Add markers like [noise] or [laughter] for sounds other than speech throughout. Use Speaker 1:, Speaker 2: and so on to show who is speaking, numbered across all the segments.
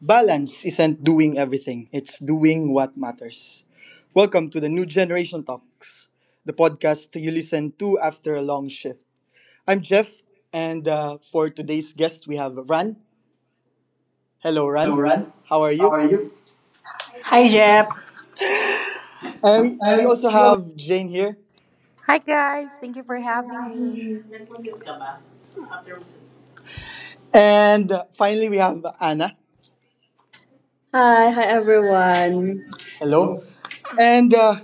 Speaker 1: Balance isn't doing everything, it's doing what matters. Welcome to the New Generation Talks, the podcast you listen to after a long shift. I'm Jeff, and for today's guest, we have Ran. Hello, Ran.
Speaker 2: Lauren,
Speaker 1: How are
Speaker 2: how
Speaker 1: you?
Speaker 2: are you? Hi Jeff.
Speaker 1: We
Speaker 2: I
Speaker 1: also
Speaker 2: we also
Speaker 1: have Jane here.
Speaker 3: Hi guys, thank you for having me.
Speaker 1: And finally, we have Anna.
Speaker 4: Hi everyone. Hello.
Speaker 1: Hello. And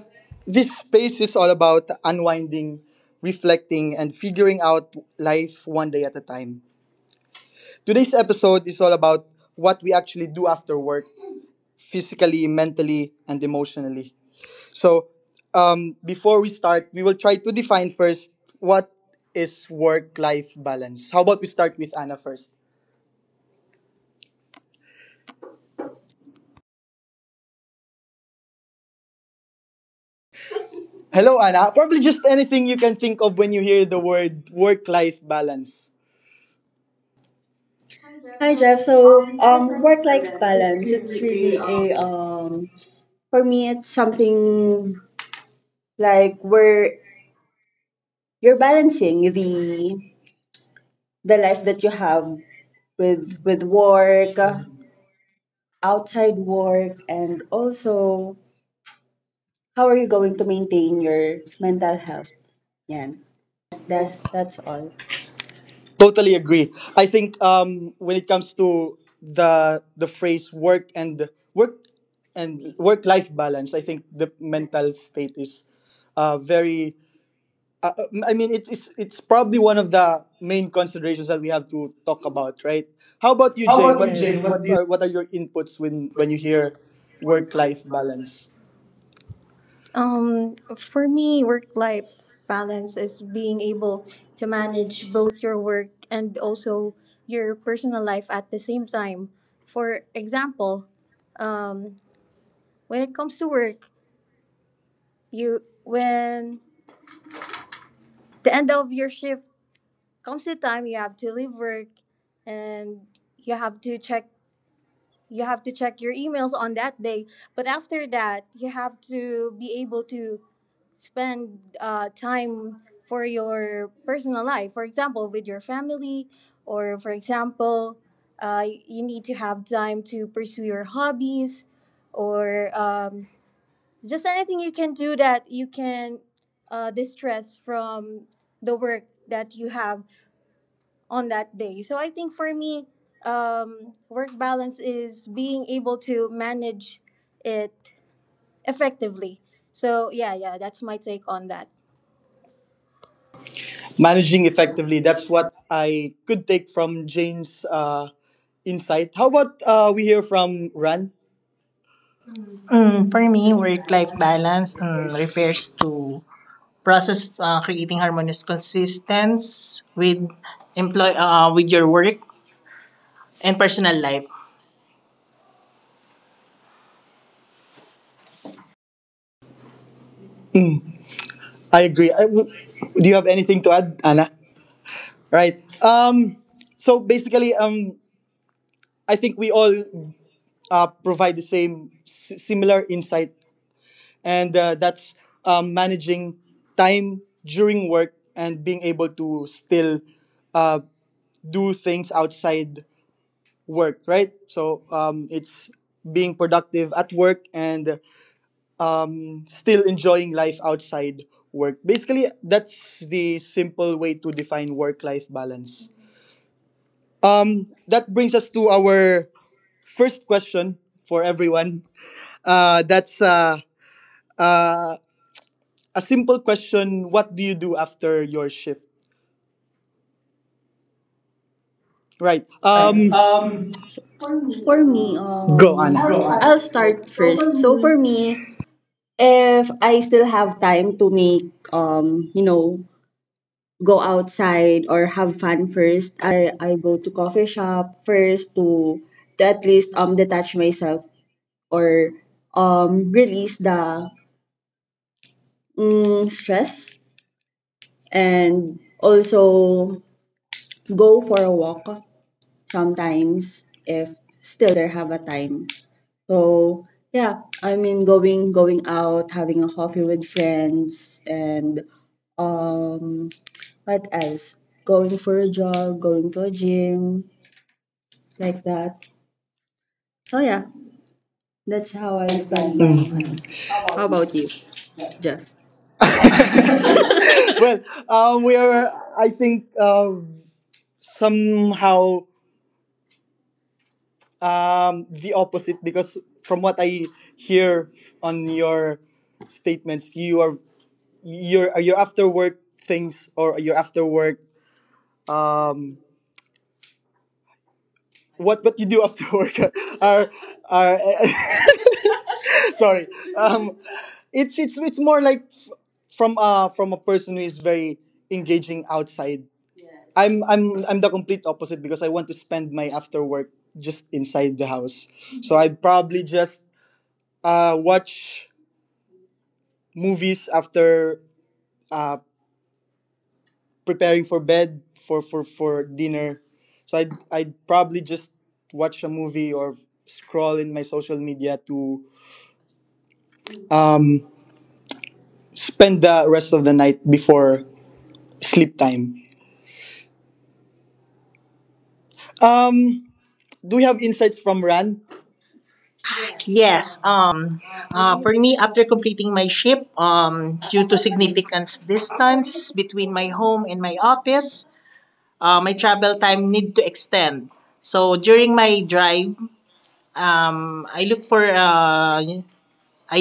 Speaker 1: this space is all about unwinding, reflecting, and figuring out life one day at a time. Today's episode is all about what we actually do after work, physically, mentally, and emotionally. So, before we start, we will try to define first what is work life balance. How about we start with Anna first? Hello, Anna. Probably just anything you can think of when you hear the word work life balance. Hi Jeff.
Speaker 4: Hi Jeff.
Speaker 1: So before I
Speaker 4: Work-life
Speaker 1: press it's
Speaker 4: balance. It's
Speaker 1: really a
Speaker 4: really a for me. It's something like where you're balancing the life that you have with work, outside work, and also how are you going to maintain your mental health? Yeah, that's all.
Speaker 1: totally agree. I think when it comes to the phrase work and work life balance, I think the mental state is very. I mean, it's probably one of the main considerations that we have to talk about, right? How about you,
Speaker 4: How
Speaker 1: Jane?
Speaker 4: about you,
Speaker 1: What
Speaker 4: Yes.
Speaker 1: do you,
Speaker 4: Jane? Yes. What
Speaker 1: what's
Speaker 4: do you
Speaker 1: are what are your inputs when you hear work life balance?
Speaker 3: For me, work-life balance is being able to manage both your work and also your personal life at the same time. For example, um, when it comes to work, you when the end of your shift comes the time you have to leave work and you have to check you have to check your emails on that day. But after that, you have to be able to spend time for your personal life, for example with your family, or for example you need to have time to pursue your hobbies, or just anything you can do that you can distress from the work that you have on that day. So I think for me, work balance is being able to manage it effectively. So yeah, yeah, that's my take on that.
Speaker 1: Managing
Speaker 3: Managing
Speaker 1: effectively.
Speaker 3: effectively,
Speaker 1: That's
Speaker 3: that's what.
Speaker 1: what I could take from Jane's insight. How about we hear from Ran?
Speaker 2: Mm, For me, work-life balance refers to process creating harmonious consistence with employ with your work and personal life.
Speaker 1: I agree. Do you have anything to add, Anna? Right. So basically, I think we all provide the similar insight, and that's managing time during work and being able to still uh, do things outside work, right? So it's being productive at work and still enjoying life outside work. Basically, that's the simple way to define work life balance. That brings us to our first question for everyone. [laughs] That's uh, a simple question. What do you do after your shift? Right.
Speaker 4: think? Um,
Speaker 1: For me,
Speaker 4: For me,
Speaker 1: go on. I'll
Speaker 4: Go on.
Speaker 1: start
Speaker 4: I'll
Speaker 1: first.
Speaker 4: start
Speaker 1: So for
Speaker 4: first. So
Speaker 1: me,
Speaker 4: for me, if I still have time to make, go outside or have fun first, I go to coffee shop first to at least detach myself or release the stress and also go for a walk sometimes if still there have a time. So yeah, I mean going out, having a coffee with friends and um what else? Going for a jog, going to a gym, like that. So yeah, that's how I spend my
Speaker 1: mm.
Speaker 4: time. How about you, Jeff?
Speaker 1: [laughs] Well, we are, I think, somehow the opposite, because from what I hear on your statements, you are your after work things or your after work um, what you do after [laughs] work are are [laughs] [laughs] sorry um it's more like from a person who is very engaging outside. I'm the complete opposite because I want to spend my after work just inside the house. So I probably just watch movies after uh preparing for bed for for dinner. So I'd probably just watch a movie or scroll in my social media to um spend the rest of the night before sleep time. Um, do we have insights from Ran?
Speaker 2: Yes. For me, after completing my shift, due to significant distance between my home and my office, my travel time need to extend. So during my drive, I look for a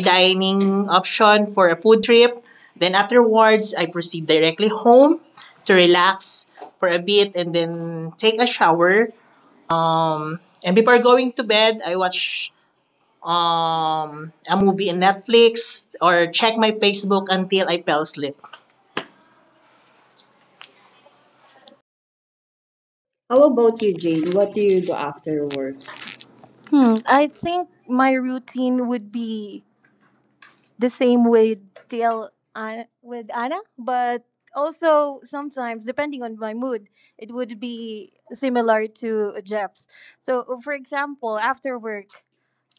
Speaker 2: dining option for a food trip. Then afterwards, I proceed directly home to relax for a bit and then take a shower. And before going to bed, I watch a movie in Netflix or check my Facebook until I fell asleep.
Speaker 4: How about you, Jane? What do you do after work?
Speaker 3: I think my routine would be the same with TL Anna, but also sometimes depending on my mood, it would be similar to Jeff's. So, for example, after work,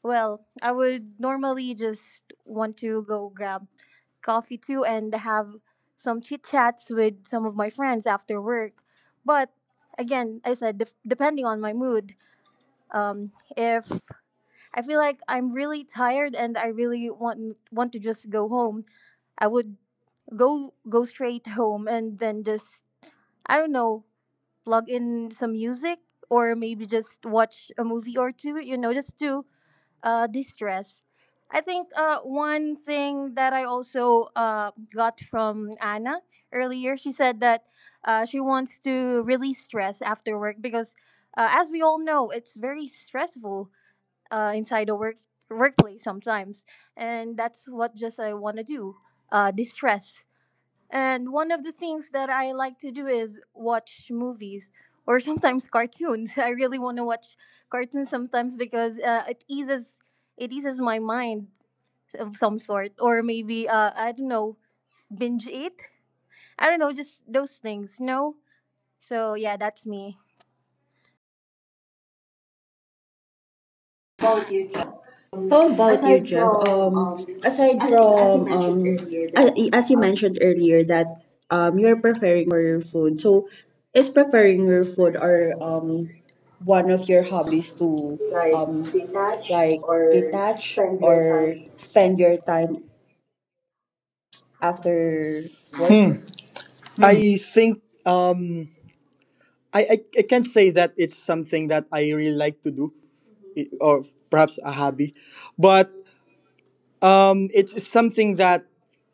Speaker 3: I would normally just want to go grab coffee too and have some chit chats with some of my friends after work. But again, I said, depending on my mood, if I feel like I'm really tired and I really want to just go home, I would go straight home and then just, I don't know, plug in some music or maybe just watch a movie or two. You know, just to distress. I think one thing that I also got from Anna earlier, she said that she wants to release stress after work because, as we all know, it's very stressful inside the workplace sometimes, and that's what just I want to do, distress. And one of the things that I like to do is watch movies or sometimes cartoons. [laughs] I really want to watch cartoons sometimes because it eases my mind of some sort, or maybe I don't know, binge eat. I don't know, just those things, you know? So yeah, that's me.
Speaker 1: About you, John?
Speaker 4: How about you,
Speaker 1: Aside
Speaker 4: Jeff?
Speaker 1: from
Speaker 4: Aside
Speaker 1: as you
Speaker 4: from
Speaker 1: mentioned earlier that
Speaker 4: as you
Speaker 1: um,
Speaker 4: mentioned earlier that you're preparing for your food, so is preparing your food or one of your hobbies to
Speaker 1: like
Speaker 4: um
Speaker 1: detach
Speaker 4: like
Speaker 1: or
Speaker 4: detach
Speaker 1: spend your
Speaker 4: or
Speaker 1: time.
Speaker 4: spend your time after work?
Speaker 1: I think I can't say that it's something that I really like to do, or perhaps a hobby, but it's something that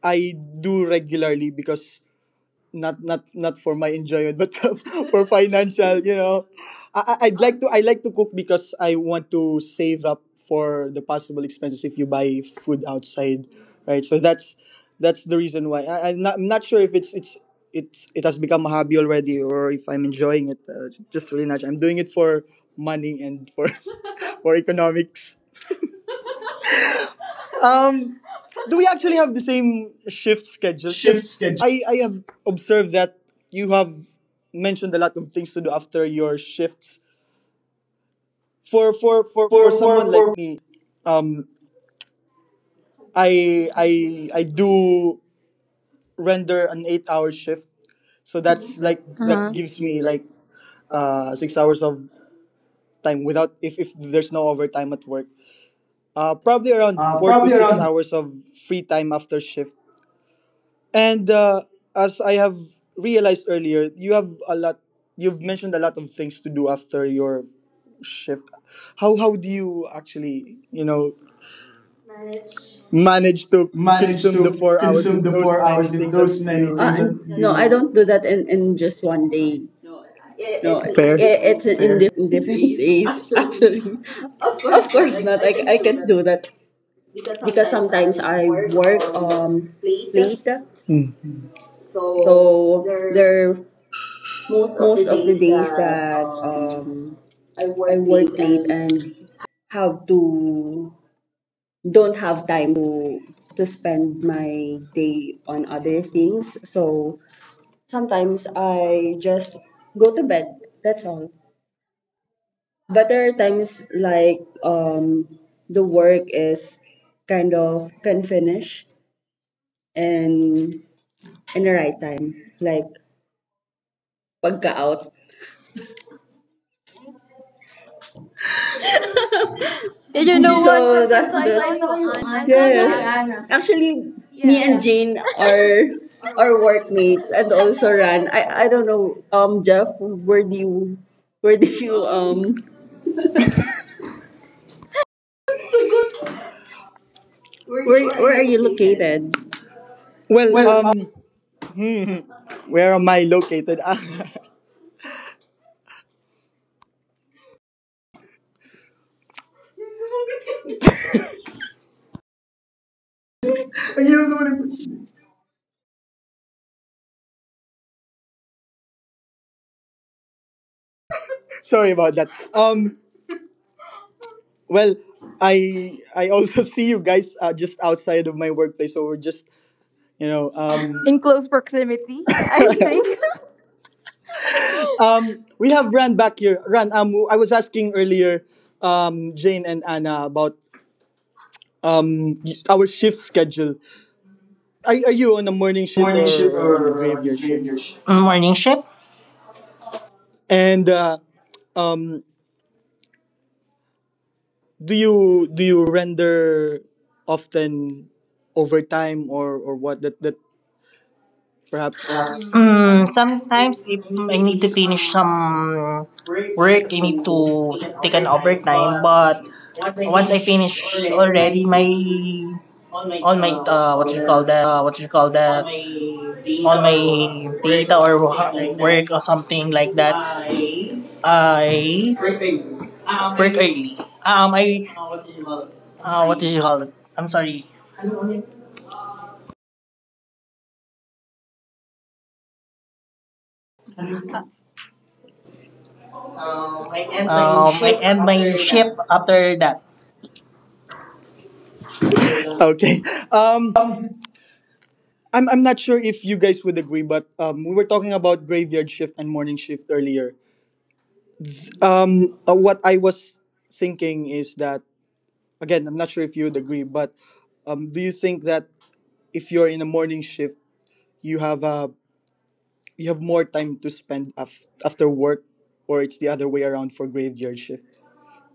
Speaker 1: I do regularly because not for my enjoyment but [laughs] for financial, you know, I'd like to I like to cook because I want to save up for the possible expenses if you buy food outside, right? So that's the reason why. I'm not I'm not sure if it has become a hobby already or if I'm enjoying it, just really not sure. I'm doing it for money and for [laughs] for economics. Um, do we actually have the same shift schedule?
Speaker 4: Shift
Speaker 1: Because
Speaker 4: schedule
Speaker 1: I have observed that you have mentioned a lot of things to do after your shifts. For for
Speaker 4: for
Speaker 1: someone like me, um, I do render an 8-hour shift, so that's
Speaker 3: That's like
Speaker 1: like
Speaker 3: Uh-huh.
Speaker 1: that
Speaker 3: that gives
Speaker 1: gives
Speaker 3: me
Speaker 1: me
Speaker 3: like
Speaker 1: like
Speaker 3: six
Speaker 1: six
Speaker 3: hours.
Speaker 1: hours of time without if if there's no overtime at work. Probably around four to
Speaker 4: probably
Speaker 1: six
Speaker 4: around
Speaker 1: hours of free time after shift. And as I have realized earlier, you have a lot. You've mentioned a lot of things to do after your shift. How do you actually, you know, manage to
Speaker 4: manage
Speaker 1: consume the
Speaker 4: to
Speaker 1: 4 hours
Speaker 4: consume
Speaker 1: with
Speaker 4: the
Speaker 1: those
Speaker 4: four
Speaker 1: many
Speaker 4: hours with
Speaker 1: things that
Speaker 4: those many
Speaker 1: you? I
Speaker 4: Things
Speaker 1: don't do
Speaker 4: That you.
Speaker 1: that
Speaker 4: No,
Speaker 1: in
Speaker 4: I don't do
Speaker 1: just
Speaker 4: that in,
Speaker 1: one day.
Speaker 4: just one day.
Speaker 1: No, it,
Speaker 4: No,
Speaker 1: it's fair. Different,
Speaker 4: it's an Fair. Indifferent,
Speaker 1: different [laughs]
Speaker 4: indifferent [laughs]
Speaker 1: days
Speaker 4: days,
Speaker 1: actually.
Speaker 4: actually.
Speaker 1: Of
Speaker 4: Of
Speaker 1: course not.
Speaker 4: course not.
Speaker 1: I
Speaker 4: I,
Speaker 1: can
Speaker 4: I
Speaker 1: do
Speaker 4: can't
Speaker 1: that
Speaker 4: do that
Speaker 1: because
Speaker 4: because
Speaker 1: sometimes
Speaker 4: sometimes
Speaker 1: I
Speaker 4: I
Speaker 1: work
Speaker 4: work
Speaker 1: late.
Speaker 4: late.
Speaker 1: Mm. So
Speaker 4: So
Speaker 1: there
Speaker 4: there
Speaker 1: most of the
Speaker 4: most of the
Speaker 1: days
Speaker 4: days
Speaker 1: that
Speaker 4: that
Speaker 1: I
Speaker 4: I
Speaker 1: work
Speaker 4: work
Speaker 1: late. And
Speaker 4: late and have to don't have time to spend my day on other things. So sometimes I just go to bed. That's all. But there are times like the work is kind of can finish and in the right time, like pagka out. You
Speaker 3: Did you know
Speaker 4: so know,
Speaker 3: what?
Speaker 4: what? That,
Speaker 3: Sometimes I
Speaker 4: sometimes
Speaker 3: saw you,
Speaker 4: saw you,
Speaker 3: Anne.
Speaker 4: Anna.
Speaker 3: I saw
Speaker 4: Yes. I
Speaker 3: you,
Speaker 4: saw yes. you,
Speaker 3: Anna.
Speaker 4: Anna. Actually,
Speaker 3: Yeah.
Speaker 4: me and Yeah. Jane are are workmates and also Ran. I don't know, Jeff, where do you where do
Speaker 1: you
Speaker 4: you um
Speaker 1: where are
Speaker 4: where are
Speaker 1: you
Speaker 4: you
Speaker 1: located?
Speaker 4: located?
Speaker 1: Well,
Speaker 4: Well,
Speaker 1: where am I located? [laughs] Ah,
Speaker 4: you know, like,
Speaker 1: sorry about that. Um, well, I also [laughs] see you guys just outside of my workplace, so we're just, you know,
Speaker 3: Um, in close proximity, [laughs] I think. Um,
Speaker 1: we
Speaker 3: no.
Speaker 1: have Ran back here. Ran, I was asking earlier, Jane and Anna about um our shift schedule. Are you on a morning shift, or
Speaker 2: Morning shift
Speaker 1: on a
Speaker 2: or
Speaker 1: graveyard shift?
Speaker 2: graveyard shift? Morning shift.
Speaker 1: And um, do you render often over time, or what that that perhaps?
Speaker 2: Yes.
Speaker 1: Hmm, sometimes if
Speaker 2: Sometimes if
Speaker 1: I need to
Speaker 2: I need to
Speaker 1: finish
Speaker 2: finish
Speaker 1: some
Speaker 2: some
Speaker 1: work, I need
Speaker 2: work, I need
Speaker 1: to
Speaker 2: to
Speaker 1: take an
Speaker 2: take an
Speaker 1: overtime.
Speaker 2: overtime.
Speaker 1: But
Speaker 2: But
Speaker 1: once I
Speaker 2: once I
Speaker 1: finish
Speaker 2: finish
Speaker 1: already my
Speaker 2: already my
Speaker 1: all my
Speaker 2: all my
Speaker 1: what you call
Speaker 2: what you
Speaker 1: that
Speaker 2: call
Speaker 1: all
Speaker 2: that,
Speaker 1: my data
Speaker 2: all
Speaker 1: or
Speaker 2: my
Speaker 1: work
Speaker 2: data
Speaker 1: or
Speaker 2: or
Speaker 1: something like that,
Speaker 2: work or something like that,
Speaker 1: I
Speaker 2: I
Speaker 1: um
Speaker 2: work
Speaker 1: I
Speaker 2: early. I
Speaker 1: what do you call? It? I'm
Speaker 2: What
Speaker 1: sorry.
Speaker 2: did you call it? I'm sorry.
Speaker 1: Ano ulit? Right, I'm playing
Speaker 2: I
Speaker 1: ship
Speaker 2: end my
Speaker 1: after
Speaker 2: shift
Speaker 1: that.
Speaker 2: after that.
Speaker 1: Okay. Um,
Speaker 4: um,
Speaker 1: I'm not sure if you guys would agree, but we were talking about graveyard shift and morning shift earlier. What I was thinking is that, again, I'm not sure if you would agree, but do you think that if you're in a morning shift, you have uh, you have more time to spend after work, or it's the other way around for graveyard shift?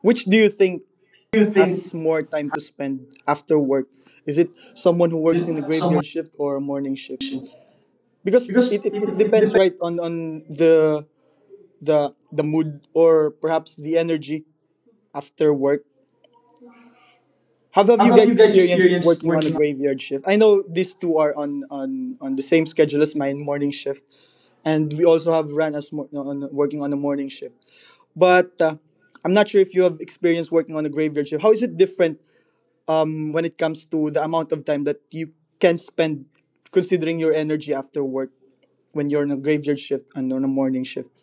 Speaker 1: Which do you think
Speaker 2: Do you think
Speaker 1: has more time to spend after work? Is it someone who works in a
Speaker 2: someone?
Speaker 1: graveyard shift or a morning shift? Because
Speaker 4: because it,
Speaker 1: it
Speaker 4: it
Speaker 1: depends,
Speaker 4: depends.
Speaker 1: right, on, the mood or perhaps the energy after work. How have
Speaker 4: How
Speaker 1: you
Speaker 4: have
Speaker 1: guys
Speaker 4: you guys
Speaker 1: experienced
Speaker 4: experienced
Speaker 1: working on a
Speaker 4: working?
Speaker 1: graveyard shift? I know these two are on on the same schedule as mine, morning shift, and we also have Ran as mo- no, on working on a morning shift. But I'm not sure if you have experience working on a graveyard shift. How is it different when it comes to the amount of time that you can spend considering your energy after work when you're on a graveyard shift and on a morning shift?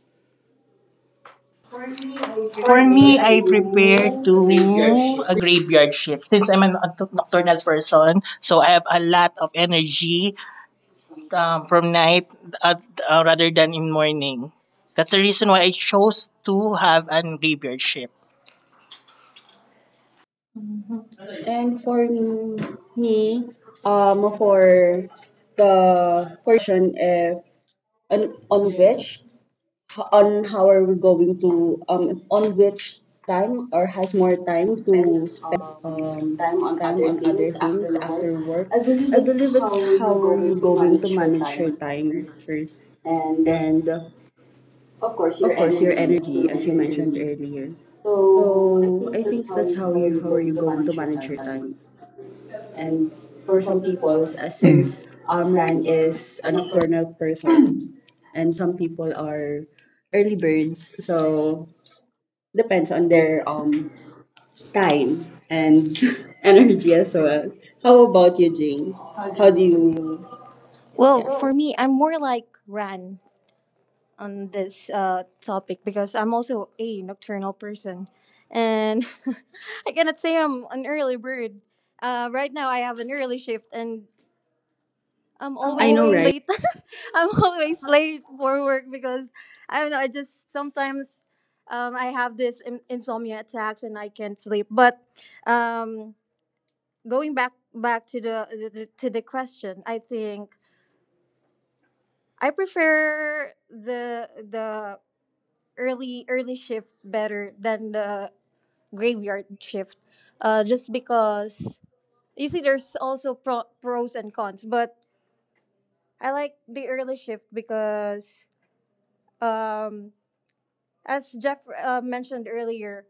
Speaker 1: For me, I
Speaker 2: For
Speaker 4: For
Speaker 1: prefer
Speaker 4: me,
Speaker 2: me,
Speaker 4: I
Speaker 2: I prepare
Speaker 1: to a graveyard
Speaker 2: to a
Speaker 1: shift.
Speaker 2: graveyard shift since I'm a nocturnal person, so I have a lot of energy from night at, rather than in morning. That's the reason why I chose to have an graveyard shift.
Speaker 4: and for m- me, for the for your question, if on which on how are we going to on which time or has more time
Speaker 1: Spend
Speaker 4: to spend
Speaker 1: um, time on
Speaker 4: time
Speaker 1: other
Speaker 4: on other
Speaker 1: things
Speaker 4: things
Speaker 1: after work.
Speaker 4: after work,
Speaker 1: I believe
Speaker 4: I
Speaker 1: that's
Speaker 4: believe
Speaker 1: how
Speaker 4: it's
Speaker 1: you're
Speaker 4: how are you
Speaker 1: going to
Speaker 4: going to
Speaker 1: manage your
Speaker 4: manage your
Speaker 1: time
Speaker 4: time
Speaker 1: first.
Speaker 4: first,
Speaker 1: And
Speaker 4: and
Speaker 1: of course, your
Speaker 4: of course your
Speaker 1: energy, as you
Speaker 4: energy, as you
Speaker 1: mentioned
Speaker 4: mentioned
Speaker 1: earlier.
Speaker 4: earlier.
Speaker 1: So I
Speaker 4: So
Speaker 1: think
Speaker 4: I
Speaker 1: that's
Speaker 4: think
Speaker 1: how
Speaker 4: that's
Speaker 1: you,
Speaker 4: how
Speaker 1: how
Speaker 4: you
Speaker 1: you're
Speaker 4: how are you
Speaker 1: going to
Speaker 4: going to
Speaker 1: manage your
Speaker 4: manage your
Speaker 1: time.
Speaker 4: time.
Speaker 1: And
Speaker 4: And
Speaker 1: for
Speaker 4: for
Speaker 1: some
Speaker 4: some people,
Speaker 1: people, since
Speaker 4: since
Speaker 1: run
Speaker 4: Amran
Speaker 1: is
Speaker 4: is
Speaker 1: an
Speaker 4: a
Speaker 1: for
Speaker 4: nocturnal person, [clears throat] and some people are early birds, so depends on their
Speaker 1: their
Speaker 4: time
Speaker 1: time
Speaker 4: and [laughs]
Speaker 1: and [laughs]
Speaker 4: energy
Speaker 1: energy
Speaker 4: as
Speaker 1: as
Speaker 4: well.
Speaker 1: well. How
Speaker 4: How
Speaker 1: about
Speaker 4: about you,
Speaker 1: you, Jane?
Speaker 4: Jane? How
Speaker 1: How do
Speaker 4: do
Speaker 1: you?
Speaker 4: you?
Speaker 3: Well,
Speaker 4: Yeah.
Speaker 3: for me, I'm more like Ran on this topic, because I'm also a nocturnal person. And [laughs] I cannot say I'm an early bird. Right now, I have an early shift and I'm
Speaker 4: I know,
Speaker 3: always
Speaker 4: right?
Speaker 3: late. [laughs] I'm always late for work because I don't know. I just sometimes I have this insomnia attacks and I can't sleep. But um, going back back to the- to the question, I think I prefer the early shift better than the graveyard shift, just because, you see, there's also pros and cons. But I like the early shift because um as Jeff mentioned earlier,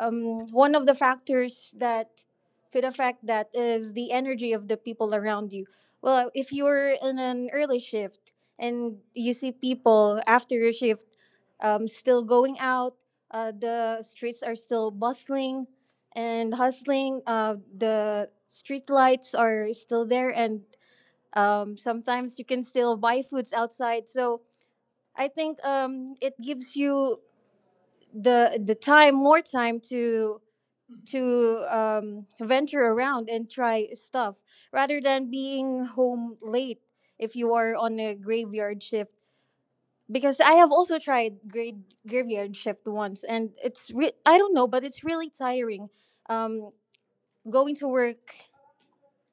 Speaker 3: one of the factors that could affect that is the energy of the people around you. Well, if you're in an early shift and you see people after your shift still going out, the streets are still bustling and hustling, the street lights are still there, and sometimes you can still buy foods outside. So I think it gives you the time, more time to venture around and try stuff rather than being home late if you are on a graveyard shift. Because I have also tried grade graveyard shift once, and it's I don't know, but it's really tiring. Um, Going to work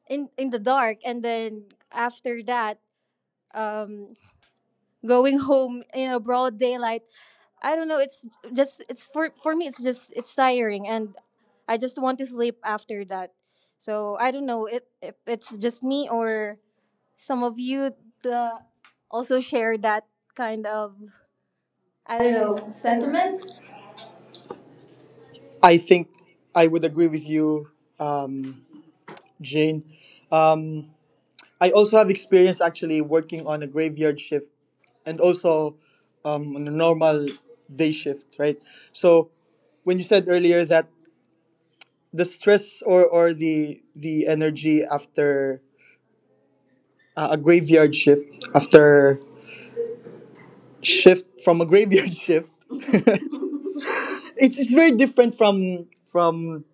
Speaker 3: in the dark, and then after that, um, going home in a broad daylight, I don't know, it's just, it's for me, it's just, it's tiring, and I just want to sleep after that. So I don't know if it's just me or some of you the, also share that kind of, I don't know, sentiments.
Speaker 1: I think I would agree with you, um, Jane. I also have experience actually working on a graveyard shift and also on a normal day shift, right? So when you said earlier that the stress, or the energy after a graveyard shift after shift from a graveyard [laughs] shift. [laughs] It's very different from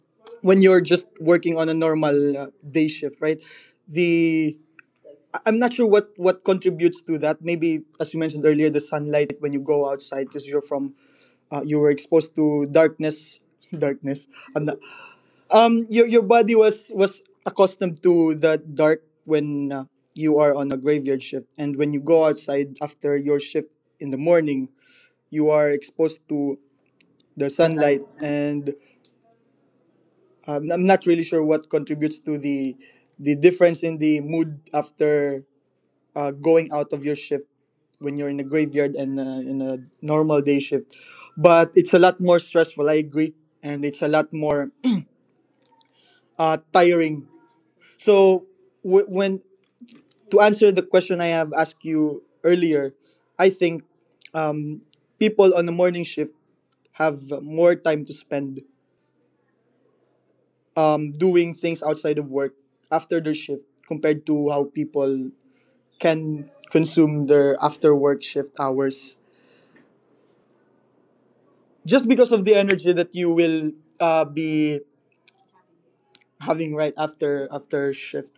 Speaker 1: when you're just working on a normal day shift, right? The I'm not sure what contributes to that. Maybe as you mentioned earlier, the sunlight when you go outside because you're from you were exposed to darkness. [laughs] Darkness. I'm not, your body was accustomed to the dark when you are on a graveyard shift, and when you go outside after your shift in the morning you are exposed to the sunlight, and I'm not really sure what contributes to the difference in the mood after going out of your shift when you're in a graveyard and in a normal day shift. But it's a lot more stressful, I agree, and it's a lot more tiring. So when to answer the question I have asked you earlier, I think um, people on the morning shift have more time to spend doing things outside of work after their shift compared to how people can consume their after work shift hours just because of the energy that you will be having right after shift.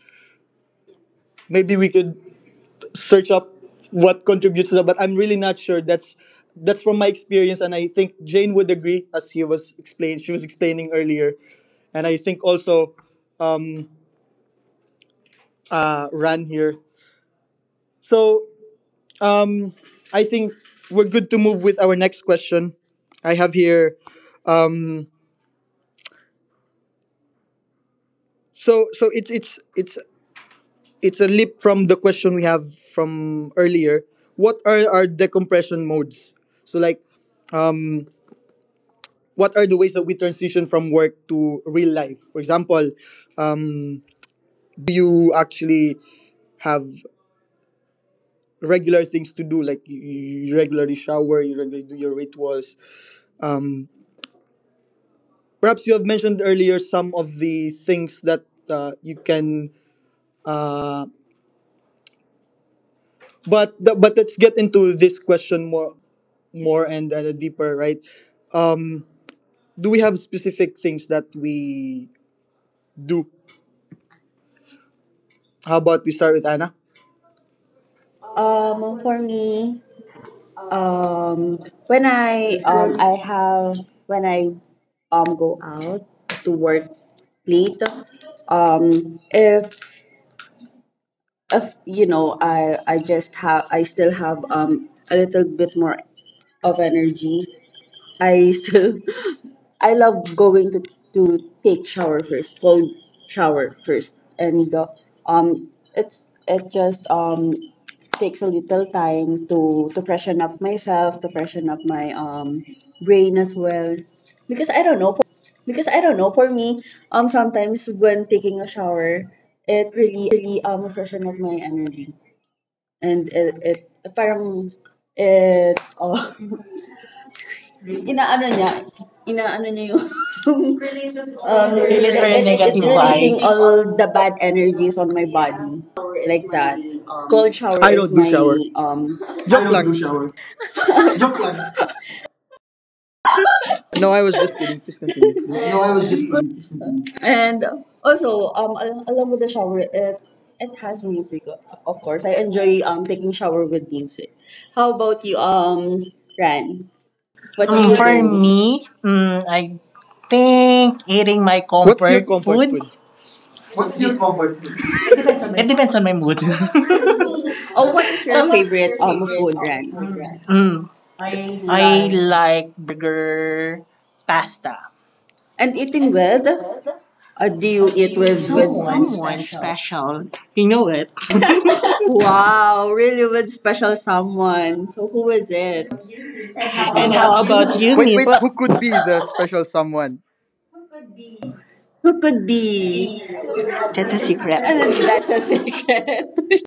Speaker 1: Maybe we could search up what contributes to that, but I'm really not sure. That's from my experience, and I think Jane would agree, as he was explained. She was explaining earlier, and I think also um, Ran here. So um, I think we're good to move with our next question I have here. Um, so so it's it's it's it's a leap from the question we have from earlier. What are our decompression modes? So like um, what are the ways that we transition from work to real life? For example, um, do you actually have regular things to do, like you regularly shower, you regularly do your rituals? Um, Perhaps you have mentioned earlier some of the things that you can. Uh, but let's get into this question more and deeper, right? Um, do we have specific things that we do? How about we start with Anna?
Speaker 4: For me, um, when I have when I go out to work late, um, if you know I just have I still have a little bit more of energy I still [laughs] I love going to take shower first, cold shower first, and it's it just takes a little time to freshen up myself, to freshen up my brain as well, because I don't know, for me sometimes when taking a shower it really freshen up my energy and it parang it oh [laughs] inaano niya inaano niya yung [laughs] releases all your-
Speaker 2: Release
Speaker 4: it,
Speaker 2: our
Speaker 4: it's
Speaker 2: negative
Speaker 4: releasing
Speaker 2: vibes.
Speaker 4: all the bad energies on my body
Speaker 1: Shower is
Speaker 4: like
Speaker 1: my
Speaker 4: that. Cold
Speaker 1: um,
Speaker 4: shower
Speaker 1: I
Speaker 4: is
Speaker 1: don't do
Speaker 4: my
Speaker 1: shower.
Speaker 4: um I
Speaker 1: Joke
Speaker 4: don't do
Speaker 1: lang.
Speaker 4: shower. [laughs] Joke lang.
Speaker 1: No, I was just kidding. Please continue.
Speaker 4: No,
Speaker 1: And
Speaker 4: I was just kidding. And also along with the shower it has music, of course. I enjoy taking shower with music. How about you Ran? What do you
Speaker 2: For
Speaker 4: do?
Speaker 2: me, I think eating my
Speaker 1: what's your
Speaker 2: comfort
Speaker 1: comfort
Speaker 2: food.
Speaker 1: food? It
Speaker 2: What's
Speaker 1: depends on
Speaker 2: your
Speaker 1: my
Speaker 2: comfort
Speaker 1: mood.
Speaker 2: food? It depends on my mood.
Speaker 1: [laughs] Oh, what is your
Speaker 2: [laughs]
Speaker 1: favorite
Speaker 4: Oh,
Speaker 1: um,
Speaker 4: what
Speaker 1: food?
Speaker 4: is your
Speaker 2: Oh, what is
Speaker 4: favorite
Speaker 2: your favorite
Speaker 4: food, Ran?
Speaker 2: food,
Speaker 4: Mm.
Speaker 2: right now? I like burger pasta.
Speaker 4: And eating
Speaker 2: And
Speaker 4: with?
Speaker 2: eating with?
Speaker 4: Or do you eat
Speaker 2: With
Speaker 4: with
Speaker 2: someone special. You know it.
Speaker 4: Wow, really with special someone. So who is it?
Speaker 1: You is-
Speaker 2: [laughs] And how about you,
Speaker 1: wait.
Speaker 2: Miss?
Speaker 3: Well
Speaker 1: Who could be the special someone?
Speaker 4: Who could be?
Speaker 2: That's a secret.
Speaker 4: And then that's a secret.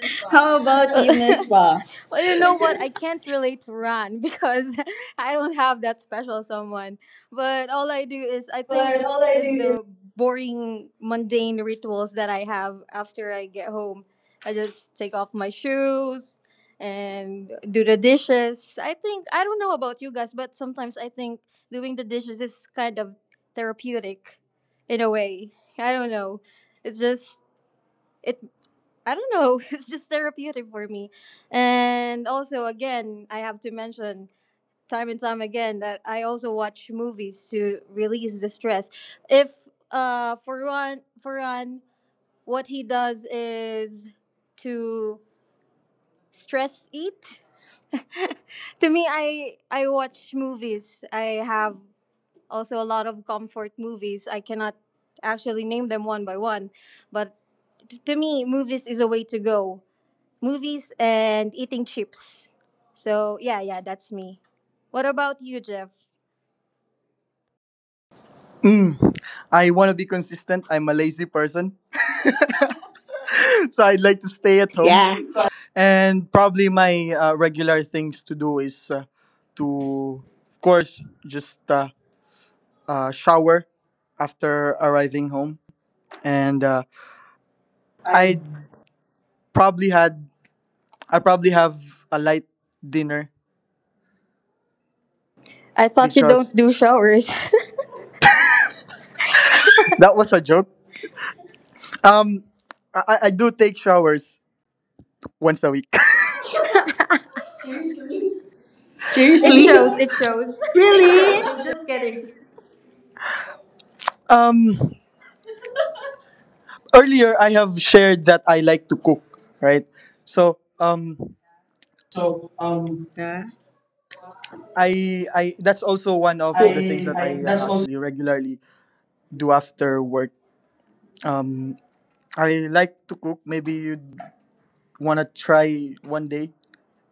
Speaker 3: [laughs]
Speaker 4: [laughs]
Speaker 3: well,
Speaker 4: How about you, Miss Pa?
Speaker 3: You know what? I can't relate to Ran [laughs] because I don't have that special someone. But all I do is, I think,
Speaker 4: But all I do
Speaker 3: is
Speaker 4: is
Speaker 3: the boring mundane rituals that I have after I get home. I just take off my shoes and do the dishes. I think, I don't know about you guys, but sometimes I think doing the dishes is kind of therapeutic in a way. I don't know. It's just it, I don't know, [laughs] it's just therapeutic for me. And also, again, I have to mention time and time again that I also watch movies to release the stress. If for one what he does is to stress eat. [laughs] To me, I watch movies. I have also a lot of comfort movies. I cannot actually name them one by one, but to me, movies is a way to go, movies and eating chips. So yeah, yeah, that's me. What about you, Jeff?
Speaker 1: Mm, I want to be consistent. I'm a lazy person. [laughs] So I'd like to stay at home.
Speaker 2: Yeah.
Speaker 1: And probably my regular things to do is to, of course, just shower after arriving home. And
Speaker 3: I
Speaker 1: I probably had I probably have a light dinner
Speaker 3: I thought you don't
Speaker 1: because
Speaker 3: do showers.
Speaker 1: that was a
Speaker 3: [laughs]
Speaker 1: joke. Um, I do take showers once a week. [laughs]
Speaker 3: Seriously.
Speaker 4: [laughs]
Speaker 3: It
Speaker 2: Seriously?
Speaker 3: shows.
Speaker 4: sleep.
Speaker 3: It shows.
Speaker 4: Really?
Speaker 3: [laughs] Just kidding.
Speaker 1: Um, Earlier I have shared that I like to cook, right? So
Speaker 4: So Yeah.
Speaker 1: I that's also one of the things
Speaker 4: I
Speaker 1: that
Speaker 4: I
Speaker 1: I
Speaker 4: that's also
Speaker 1: actually regularly do after work. Um, I like to cook. Maybe you want to try one day.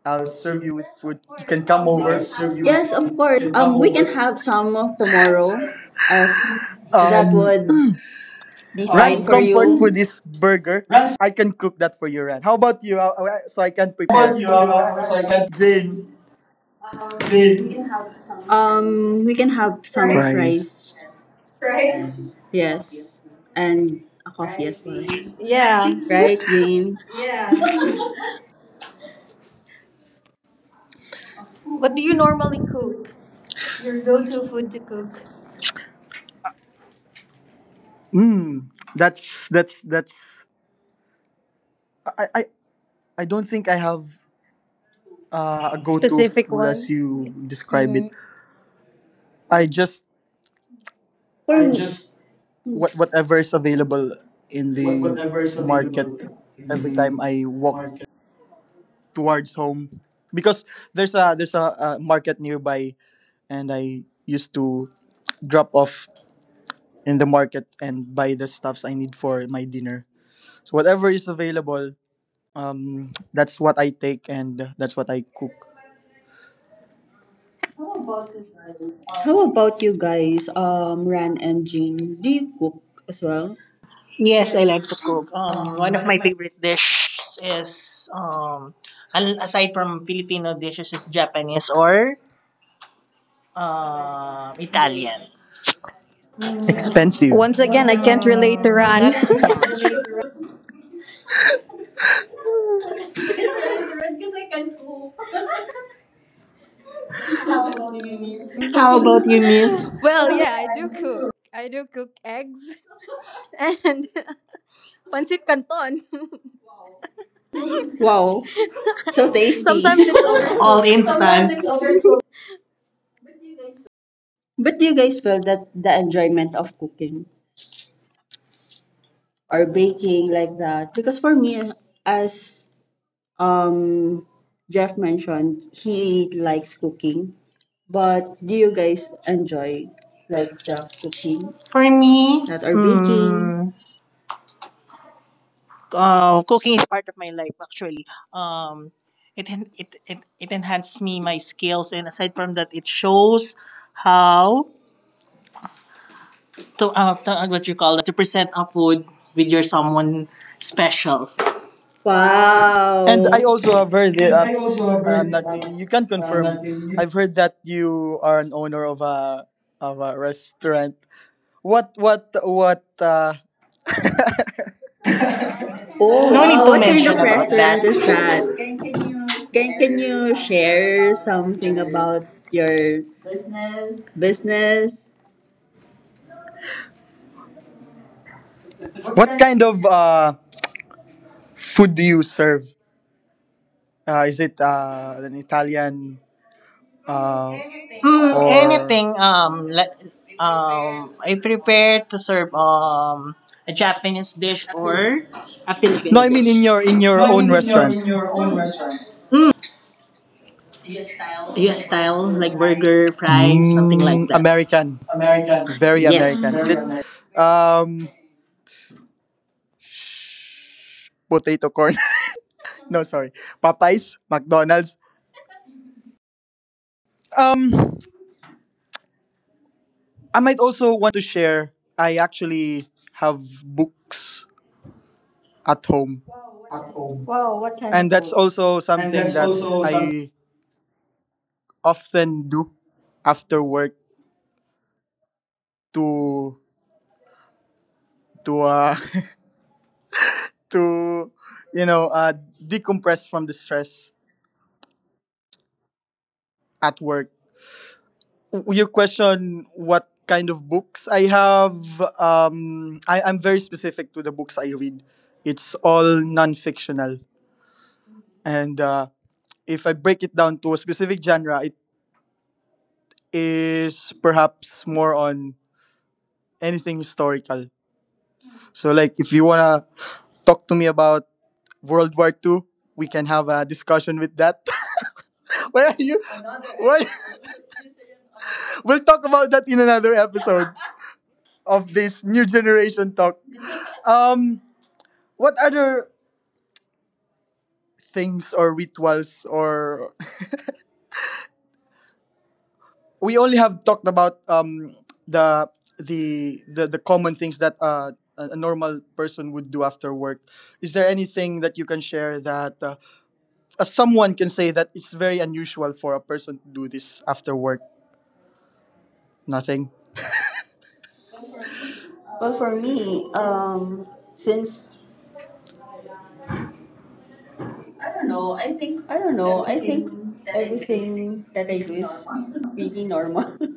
Speaker 1: I'll
Speaker 3: I'll
Speaker 1: serve
Speaker 3: serve you.
Speaker 1: you with food. You can
Speaker 3: Can
Speaker 1: come
Speaker 3: come
Speaker 4: I'll
Speaker 1: over.
Speaker 3: over.
Speaker 4: serve you. Yes, of course. Can come we can over. Have some of tomorrow if that
Speaker 1: Um,
Speaker 4: would be fine
Speaker 1: Ran's
Speaker 4: for you.
Speaker 1: comfort food is burger.
Speaker 4: Rice,
Speaker 1: I can cook that for you, Ran. How about you? So I can
Speaker 2: How about
Speaker 1: prepare.
Speaker 2: you
Speaker 4: you
Speaker 2: are
Speaker 4: are
Speaker 2: right, so
Speaker 4: correct.
Speaker 2: I
Speaker 4: So,
Speaker 2: can.
Speaker 1: Jane.
Speaker 3: Then
Speaker 4: Today, we can have some
Speaker 1: Fries.
Speaker 4: fries. Fries? Yes, and a coffee as well.
Speaker 3: yeah.
Speaker 4: Right, Jane? Yeah.
Speaker 3: What do you normally cook? Your go-to food to cook?
Speaker 1: Mm, that's that's. I I I don't think I have a go-to
Speaker 3: Specific
Speaker 1: food
Speaker 3: one.
Speaker 1: as you describe it.
Speaker 3: Hmm,
Speaker 1: I just
Speaker 4: [laughs] For I me, just
Speaker 1: whatever is available in
Speaker 4: what
Speaker 1: the
Speaker 4: whatever is
Speaker 1: market
Speaker 4: available in
Speaker 1: every time
Speaker 4: the
Speaker 1: I walk
Speaker 4: market.
Speaker 1: towards home, because there's a market nearby, and I used to drop off in the market and buy the stuffs I need for my dinner. So whatever is available, that's what I take and that's what I cook.
Speaker 4: How about you guys, Ran and Jane? Do you cook as well?
Speaker 2: Yes, I like to cook. One of my favorite dishes is aside from Filipino dishes, is Japanese or Italian.
Speaker 1: Expensive.
Speaker 3: once again, I can't relate to
Speaker 2: Once not
Speaker 3: Ran.
Speaker 2: again, I too can't much relate to.
Speaker 3: [laughs]
Speaker 1: [laughs]
Speaker 2: How about you, Miss?
Speaker 3: Well, yeah, I do cook. I do cook eggs. And [laughs] pancit canton.
Speaker 4: Wow, so
Speaker 3: [laughs]
Speaker 4: tasty.
Speaker 3: Sometimes it's
Speaker 4: [laughs]
Speaker 2: [laughs] All sometimes
Speaker 3: overcooked.
Speaker 2: instant.
Speaker 4: Okay, sometimes
Speaker 2: Sometimes it's
Speaker 4: it's over.
Speaker 2: overcooked.
Speaker 4: But do you guys feel that the enjoyment of cooking or
Speaker 2: Or
Speaker 4: baking
Speaker 2: baking.
Speaker 4: like that? Because for me, as Um, Jeff mentioned he likes cooking, but do you guys enjoy like the cooking
Speaker 2: For me,
Speaker 4: that or baking?
Speaker 2: cooking is part of my life actually. Um, it enhances me my skills, and aside from that, it shows how to, what you call that, to present a food with your someone special. No
Speaker 1: And I
Speaker 4: Wow.
Speaker 1: also have heard that
Speaker 4: And I also have heard
Speaker 1: I'm not.
Speaker 4: that
Speaker 1: You can confirm.
Speaker 4: that you
Speaker 1: I've heard that you are an owner of a restaurant. What what what? Uh,
Speaker 4: Oh
Speaker 2: need
Speaker 4: wow,
Speaker 2: to
Speaker 4: what kind
Speaker 2: mention
Speaker 4: of
Speaker 2: about that.
Speaker 4: restaurant is that?
Speaker 1: can you
Speaker 4: Can
Speaker 1: share
Speaker 4: you
Speaker 1: something
Speaker 4: share
Speaker 1: about
Speaker 4: something
Speaker 1: your
Speaker 4: about your
Speaker 1: business?
Speaker 4: business?
Speaker 3: What
Speaker 1: What
Speaker 3: kind?
Speaker 1: kind of food do you serve? Is it an Italian uh, or?
Speaker 2: Anything. I prepare to serve a Japanese dish or a
Speaker 1: No,
Speaker 2: Filipino
Speaker 1: I mean in
Speaker 2: dish.
Speaker 1: your own
Speaker 2: Maybe in
Speaker 1: restaurant.
Speaker 2: your own restaurant. Mm,
Speaker 1: US style,
Speaker 2: U.S.
Speaker 1: like
Speaker 2: style,
Speaker 1: burger,
Speaker 2: like
Speaker 1: fries,
Speaker 2: burger, fries, something
Speaker 1: something like
Speaker 2: like
Speaker 1: Mm,
Speaker 2: that.
Speaker 1: American.
Speaker 2: American, very.
Speaker 1: Very American. Is
Speaker 2: Yes.
Speaker 1: it
Speaker 2: American.
Speaker 1: um potato corn? [laughs] No, sorry. Popeyes, McDonald's. Um, I might also want to share I actually have books at home.
Speaker 4: At home. Wow, what kind
Speaker 1: And
Speaker 4: of
Speaker 1: that's
Speaker 4: books?
Speaker 1: also
Speaker 4: And
Speaker 1: something
Speaker 4: that's
Speaker 1: that
Speaker 4: also some.
Speaker 1: I often do after work to to uh [laughs] to you know uh decompress from the stress at work. Your question, what kind of books I have, I'm very specific to the books I read. It's all non-fictional, and if I break it down to a specific genre, it is perhaps more on anything historical. So like if you want to talk to me about World War Two, we can have a discussion with that. [laughs] Where are you? Why? [laughs] We'll talk about that in another episode of this new generation talk. Um, what other things or rituals? Or [laughs] We only have talked about the the common things that a normal person would do after work. Is there anything that you can share that someone can say that it's very unusual for a person to do this after work? Nothing.
Speaker 4: Well, for me,
Speaker 1: Since,
Speaker 4: since
Speaker 1: I don't know, I think
Speaker 4: I don't know. I think
Speaker 1: everything that I do is
Speaker 4: everything that I do
Speaker 1: being
Speaker 4: is
Speaker 1: normal.
Speaker 4: really normal. [laughs]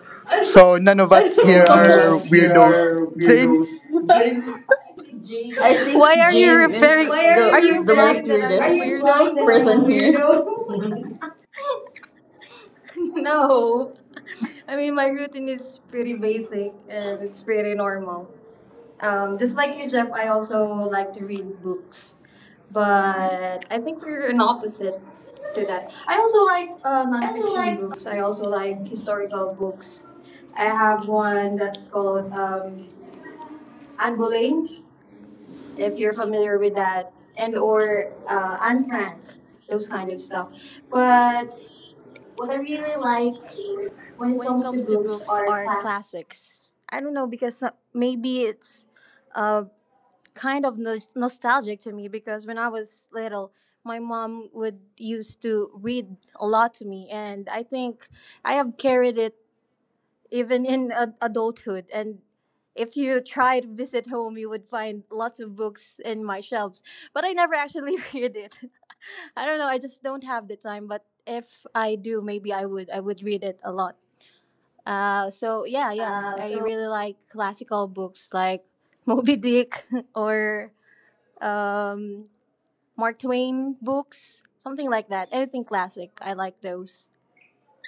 Speaker 1: [laughs] So none of
Speaker 4: I don't
Speaker 1: us
Speaker 4: So
Speaker 1: here
Speaker 4: none of know.
Speaker 1: are
Speaker 4: Us here
Speaker 1: weirdos,
Speaker 4: are
Speaker 1: Jane?
Speaker 4: weirdos. Jane, [laughs] I
Speaker 3: Why
Speaker 4: think
Speaker 3: are you
Speaker 4: Jane is
Speaker 3: referring?
Speaker 4: Why are the,
Speaker 3: Are you
Speaker 4: you the most
Speaker 3: implying
Speaker 4: referring?
Speaker 3: that
Speaker 4: Weirdest
Speaker 3: I'm a
Speaker 4: Are you
Speaker 3: weirdo?
Speaker 4: implying that person I'm person a here. Weirdo?
Speaker 3: [laughs] No.
Speaker 1: No,
Speaker 3: I
Speaker 1: I
Speaker 3: mean,
Speaker 1: mean
Speaker 3: my
Speaker 1: my
Speaker 3: routine
Speaker 1: routine
Speaker 3: is
Speaker 1: is
Speaker 3: pretty
Speaker 1: pretty basic
Speaker 3: basic and
Speaker 1: and
Speaker 3: it's
Speaker 1: it's
Speaker 3: pretty
Speaker 1: pretty normal.
Speaker 3: normal. Um, just
Speaker 1: Just
Speaker 3: like
Speaker 1: like
Speaker 3: you,
Speaker 1: you,
Speaker 3: Jeff,
Speaker 1: Jeff,
Speaker 3: I
Speaker 1: I also
Speaker 3: also
Speaker 1: like
Speaker 3: like to
Speaker 1: to read
Speaker 3: read books.
Speaker 1: books, but
Speaker 3: But I
Speaker 1: I
Speaker 3: think
Speaker 1: think
Speaker 3: we're
Speaker 1: you're an
Speaker 3: an opposite
Speaker 1: opposite
Speaker 3: to
Speaker 1: to
Speaker 3: that.
Speaker 1: that.
Speaker 3: I
Speaker 1: I
Speaker 3: also
Speaker 1: also
Speaker 3: like
Speaker 1: like
Speaker 4: [laughs] I also
Speaker 3: nonfiction
Speaker 1: nonfiction
Speaker 4: like.
Speaker 3: books.
Speaker 1: books.
Speaker 3: I
Speaker 1: I
Speaker 3: also
Speaker 1: also
Speaker 3: like
Speaker 1: like
Speaker 3: historical
Speaker 1: historical
Speaker 3: books.
Speaker 1: books. I
Speaker 3: I have
Speaker 1: have one
Speaker 3: one that's
Speaker 1: that's
Speaker 3: called
Speaker 1: called Anne
Speaker 3: Anne Boleyn,
Speaker 1: Boleyn, if
Speaker 3: if you're
Speaker 1: you're familiar
Speaker 3: familiar
Speaker 1: with
Speaker 3: with that,
Speaker 1: that, and
Speaker 3: and or
Speaker 1: or
Speaker 3: Anne
Speaker 1: Anne Frank,
Speaker 3: Frank,
Speaker 1: those
Speaker 3: those
Speaker 1: kind
Speaker 3: kind
Speaker 1: of
Speaker 3: of stuff.
Speaker 1: stuff. But
Speaker 3: But
Speaker 1: what
Speaker 3: what
Speaker 1: I
Speaker 3: I
Speaker 1: really
Speaker 3: really
Speaker 1: like
Speaker 3: like
Speaker 1: when it
Speaker 3: when it
Speaker 1: comes to
Speaker 3: comes to
Speaker 1: books
Speaker 3: books
Speaker 1: are
Speaker 3: are
Speaker 1: classics.
Speaker 3: classics. I don't know, because maybe it's um kind of nostalgic to me, because when I was little, my mom would used to read a lot to me, and I think I have carried it even in adulthood. And if you try to visit home, you would find lots of books in my shelves, but I never actually [laughs] read it. I don't know. I just don't have the time. But if I do, maybe I would. I would read it a lot. So yeah, yeah. I
Speaker 4: So.
Speaker 3: really like classical books like [laughs] Moby Dick [laughs] or um, Mark Twain books, something like that. Anything classic, I like those.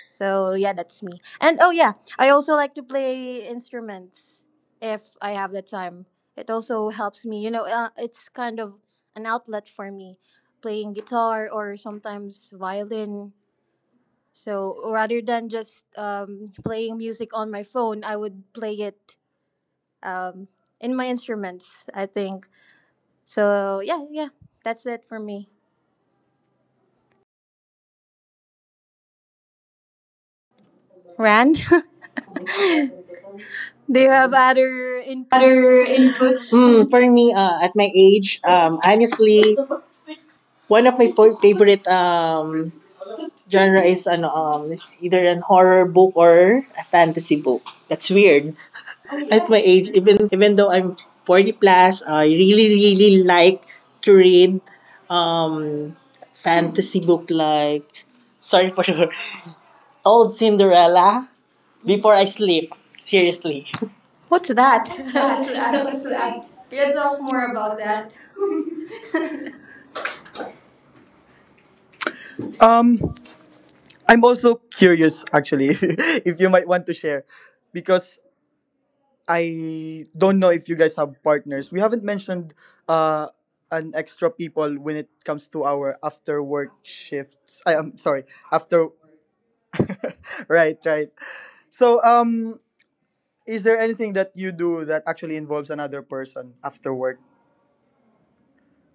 Speaker 3: So yeah, that's me. And oh yeah, I also like to play instruments if I have the time. It also helps me. You know, it's kind of an outlet for me, playing guitar or sometimes violin. So rather than just playing music on my phone, I would play it um, in my instruments. I think so. Yeah, yeah, that's it for me. Ran, [laughs] do you have other inputs? [laughs]
Speaker 2: Other inputs. For me, at my age, honestly, one of my favorite genre is ano it's either an horror book or a fantasy book. That's weird. At my age, even though I'm 40 plus, I really like to read um fantasy book like sorry for sure, [laughs] old Cinderella before I sleep. Seriously.
Speaker 3: What's
Speaker 1: What's that?
Speaker 3: that? [laughs]
Speaker 2: What's
Speaker 1: [laughs]
Speaker 2: that?
Speaker 3: What's
Speaker 1: Let's
Speaker 2: [laughs]
Speaker 3: that?
Speaker 1: laugh.
Speaker 2: What's that?
Speaker 3: Can you
Speaker 1: Let's
Speaker 3: talk
Speaker 1: talk
Speaker 3: more
Speaker 1: more
Speaker 3: about
Speaker 1: about
Speaker 3: that?
Speaker 1: that. [laughs] Um, I'm also curious, actually, [laughs] if you might want to share, because I don't know if you guys have partners. We haven't mentioned uh an extra people when it comes to our after work shifts. I am sorry, after. [laughs] Right, right. So, is there anything that you do that actually involves another person after work?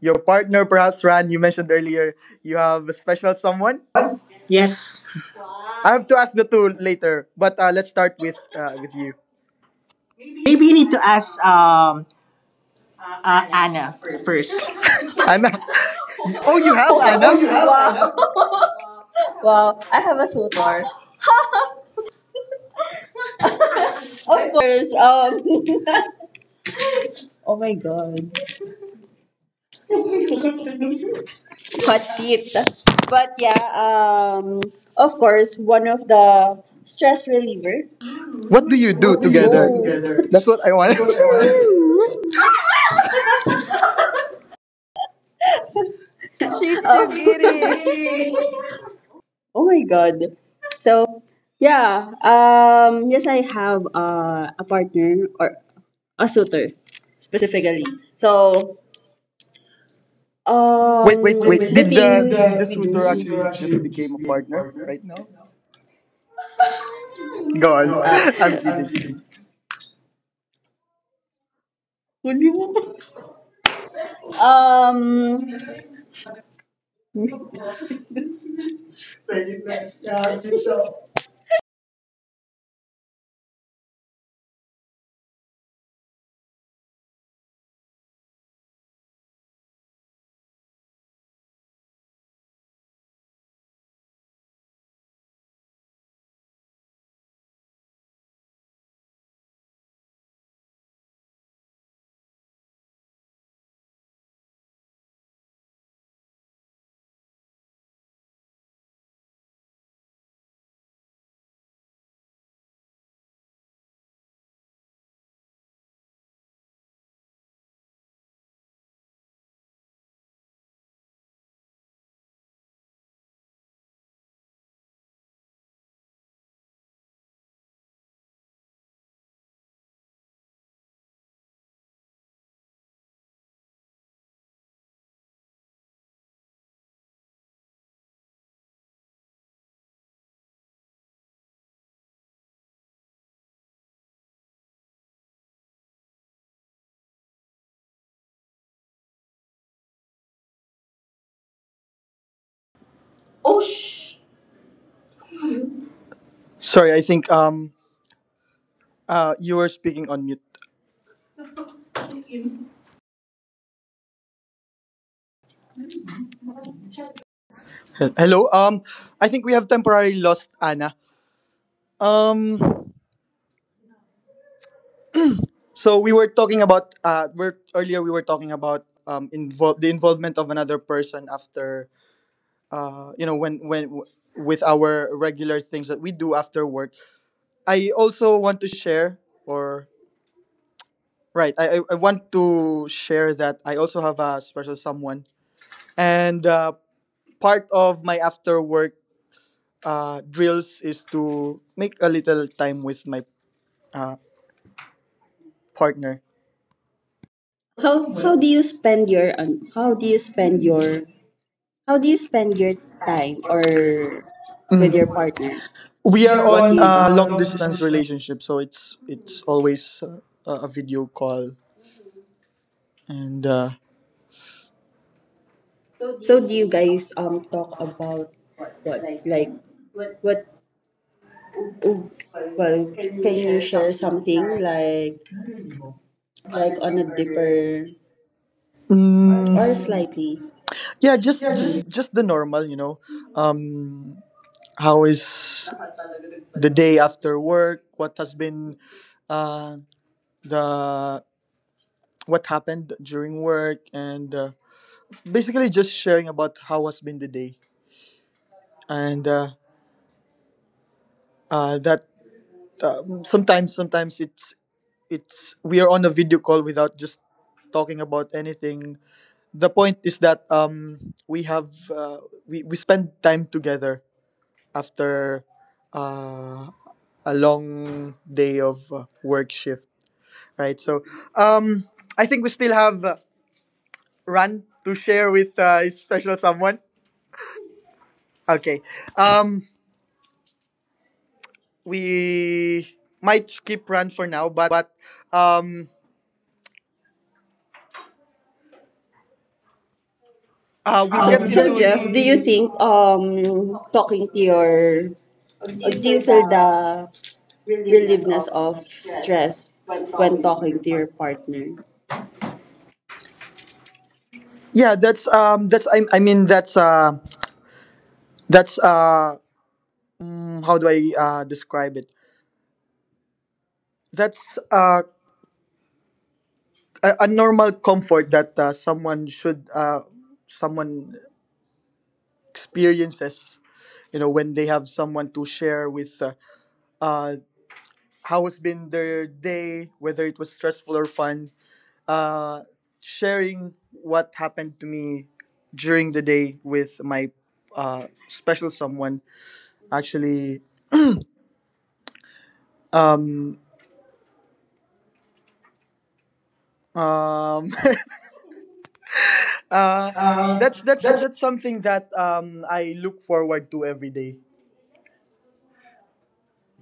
Speaker 1: Your partner, perhaps. Ran, you mentioned earlier you have a special someone.
Speaker 2: Yes.
Speaker 1: I have to ask the two later, but let's start with you.
Speaker 2: Maybe you need to
Speaker 1: [laughs]
Speaker 2: ask Anna first.
Speaker 1: Anna. Oh, you have Anna?
Speaker 4: Oh, you [laughs] have Wow. one. [laughs] Wow, I have a suitor. [laughs] Of course. [laughs] Oh my god. [laughs] Patsit. But yeah, of course, one of the stress reliever.
Speaker 1: What do you do
Speaker 4: What do you do
Speaker 1: together?
Speaker 4: Oh. together?
Speaker 1: That's what I want.
Speaker 4: That's what I want. [laughs]
Speaker 3: She's
Speaker 4: Oh.
Speaker 3: too
Speaker 4: She's so
Speaker 3: giddy. [laughs]
Speaker 4: pretty. [laughs] Oh my god. So yeah, yes I have a partner or a suitor specifically. So
Speaker 1: [laughs] wait, wait,
Speaker 4: Wait, wait,
Speaker 1: wait.
Speaker 4: the wait. Did
Speaker 1: Did the
Speaker 4: things the, we did the do
Speaker 1: suitor
Speaker 4: suitor
Speaker 1: actually just
Speaker 4: actually
Speaker 1: became
Speaker 4: just
Speaker 1: a
Speaker 4: became a
Speaker 1: partner
Speaker 4: partner?
Speaker 1: right
Speaker 4: Right
Speaker 1: now?
Speaker 4: now?
Speaker 1: Go on.
Speaker 4: Go
Speaker 1: [laughs] I'm
Speaker 4: ahead. I'm
Speaker 1: kidding.
Speaker 4: kidding. [laughs] Hindi mo. Um.
Speaker 1: Sorry, I think you were speaking on mute. Hello. I think we have temporarily lost Anna. Um, so we were talking about we're earlier we were talking about the involvement of another person after you know, when with our regular things that we do after work. I also want to share, or right. I want to share that I also have a special someone, and part of my after work drills is to make a little time with my uh partner.
Speaker 4: How do you spend your how do you spend your how do you spend your time or with your
Speaker 1: Mm.
Speaker 4: partner?
Speaker 1: We
Speaker 4: We
Speaker 1: are
Speaker 4: are what do
Speaker 1: on
Speaker 4: you on do?
Speaker 1: a long
Speaker 4: Long
Speaker 1: distance
Speaker 4: distance.
Speaker 1: relationship, so it's always a video call. And.
Speaker 4: So do you guys talk about what like what oh, well can you share something like on a deeper
Speaker 1: Mm,
Speaker 4: or slightly
Speaker 1: yeah, just
Speaker 4: yeah
Speaker 1: just
Speaker 4: just
Speaker 1: just the normal, you know. Um, how is the day after work? What has been uh, the what happened during work. And basically just sharing about how has been the day. And that sometimes it's we are on a video call without just talking about anything. The point is that we have we spend time together after uh, a long day of work shift. Right, so um, I think we still have run to share with a special someone. Okay. Um, we might skip run for now, but um, we'll
Speaker 4: so,
Speaker 1: get
Speaker 4: so
Speaker 1: into
Speaker 4: Jeff do
Speaker 1: the.
Speaker 4: you think talking to your Or do you feel the relievedness of stress when talking to your partner?
Speaker 1: Yeah, that's I mean that's mm, how do I describe it? That's a normal comfort that someone should someone experiences, you know, when they have someone to share with uh how has been their day, whether it was stressful or fun. Uh, sharing what happened to me during the day with my special someone, actually, um um [laughs] uh
Speaker 4: Uh,
Speaker 1: that's that's
Speaker 4: that's
Speaker 1: that's something that I look forward to every day.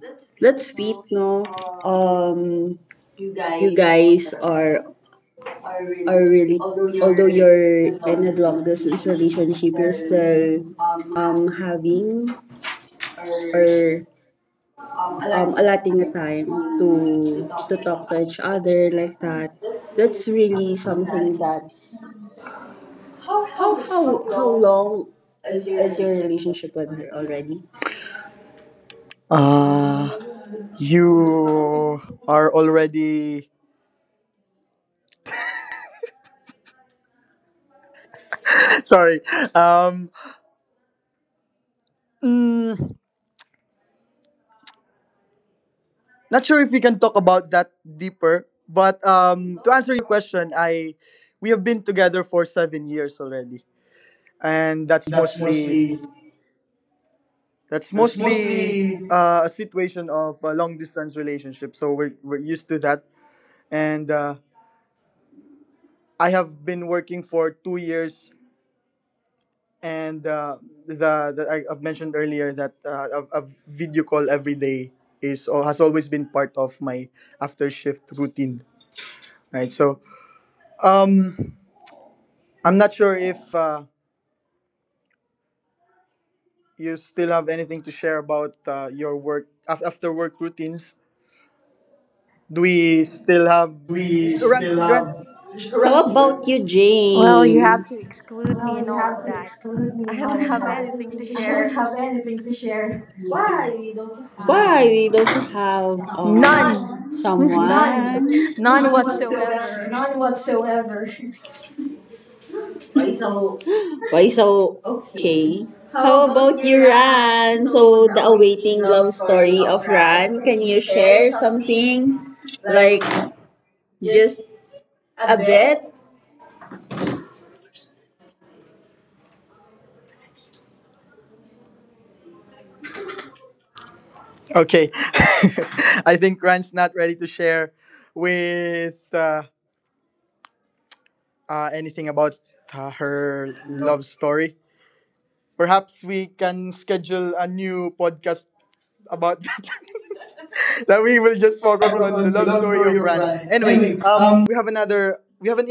Speaker 1: That's good.
Speaker 4: That's sweet,
Speaker 1: No?
Speaker 4: no?
Speaker 1: Um,
Speaker 4: Um,
Speaker 1: you
Speaker 4: you
Speaker 1: guys.
Speaker 4: guys are
Speaker 1: I
Speaker 4: are
Speaker 1: really,
Speaker 4: really
Speaker 1: although your
Speaker 4: although you're in a
Speaker 1: development
Speaker 4: long distance
Speaker 1: situation children
Speaker 4: relationship, you're
Speaker 1: still
Speaker 4: still
Speaker 1: um, having
Speaker 4: having
Speaker 1: or
Speaker 4: or
Speaker 1: um, allotting
Speaker 4: allotting a
Speaker 1: time
Speaker 4: time to
Speaker 1: to
Speaker 4: to
Speaker 1: talk with each
Speaker 4: talk to each
Speaker 1: other.
Speaker 4: other like that.
Speaker 1: That's really
Speaker 4: That's really something.
Speaker 1: that.
Speaker 4: That's
Speaker 1: How
Speaker 4: how long
Speaker 1: is your
Speaker 4: is your
Speaker 1: relationship
Speaker 4: relationship with her
Speaker 1: already?
Speaker 4: already?
Speaker 1: Uh, you are already. [laughs] Sorry. Um, mm, Not sure if we can talk about that deeper, but to answer your question, I we have been together for 7 years already, and
Speaker 4: That's mostly
Speaker 1: that's
Speaker 4: that's
Speaker 1: mostly
Speaker 4: mostly
Speaker 1: a situation of a long distance relationship. So we're used to that, and I have been working for 2 years, and I've mentioned earlier that a video call every day is or has always been part of my after shift routine. Right, so um I'm not sure if you still have anything to share about your work after work routines. Do we still have
Speaker 4: we
Speaker 1: run
Speaker 4: still
Speaker 1: Why
Speaker 4: have How about you,
Speaker 3: Well, you have
Speaker 4: Jane?
Speaker 3: to exclude me
Speaker 4: Well,
Speaker 3: in
Speaker 4: you
Speaker 3: all
Speaker 4: have
Speaker 3: of
Speaker 4: to
Speaker 3: that.
Speaker 4: exclude me
Speaker 3: I
Speaker 4: in
Speaker 3: don't
Speaker 4: all
Speaker 1: don't
Speaker 4: of
Speaker 3: have
Speaker 4: that.
Speaker 3: anything to
Speaker 4: I don't
Speaker 3: share.
Speaker 4: have anything to share.
Speaker 1: you have
Speaker 4: Why don't you have
Speaker 1: someone?
Speaker 3: None.
Speaker 1: None.
Speaker 4: someone?
Speaker 3: [laughs]
Speaker 4: None.
Speaker 3: None
Speaker 1: None
Speaker 3: whatsoever.
Speaker 1: whatsoever.
Speaker 4: None whatsoever.
Speaker 1: Why so
Speaker 4: [laughs] Why so
Speaker 1: okay.
Speaker 4: okay?
Speaker 1: How
Speaker 4: How
Speaker 1: about
Speaker 4: about
Speaker 1: you,
Speaker 4: you,
Speaker 1: Ran?
Speaker 4: Ran?
Speaker 1: So
Speaker 4: So
Speaker 1: the
Speaker 4: the
Speaker 1: awaiting
Speaker 4: awaiting
Speaker 1: love
Speaker 4: love
Speaker 1: story
Speaker 4: story
Speaker 1: of
Speaker 4: of
Speaker 1: Ran.
Speaker 4: Ran.
Speaker 1: Can
Speaker 4: Can
Speaker 1: you
Speaker 4: you
Speaker 1: share
Speaker 4: share
Speaker 1: something?
Speaker 4: something
Speaker 1: Like
Speaker 4: like
Speaker 1: just
Speaker 4: just
Speaker 1: a
Speaker 4: a
Speaker 1: bit?
Speaker 4: bit?
Speaker 1: Okay, [laughs] I think Ryan's not ready to share with anything about her love story. Perhaps we can schedule a new podcast about that. [laughs] That we will just
Speaker 4: I
Speaker 1: focus
Speaker 4: was
Speaker 1: on the
Speaker 4: on the
Speaker 1: love
Speaker 4: love
Speaker 1: story
Speaker 4: story
Speaker 1: of
Speaker 4: of
Speaker 1: Ran.
Speaker 4: Brad.
Speaker 1: Anyway,
Speaker 4: Anyway,
Speaker 1: we have another. We have an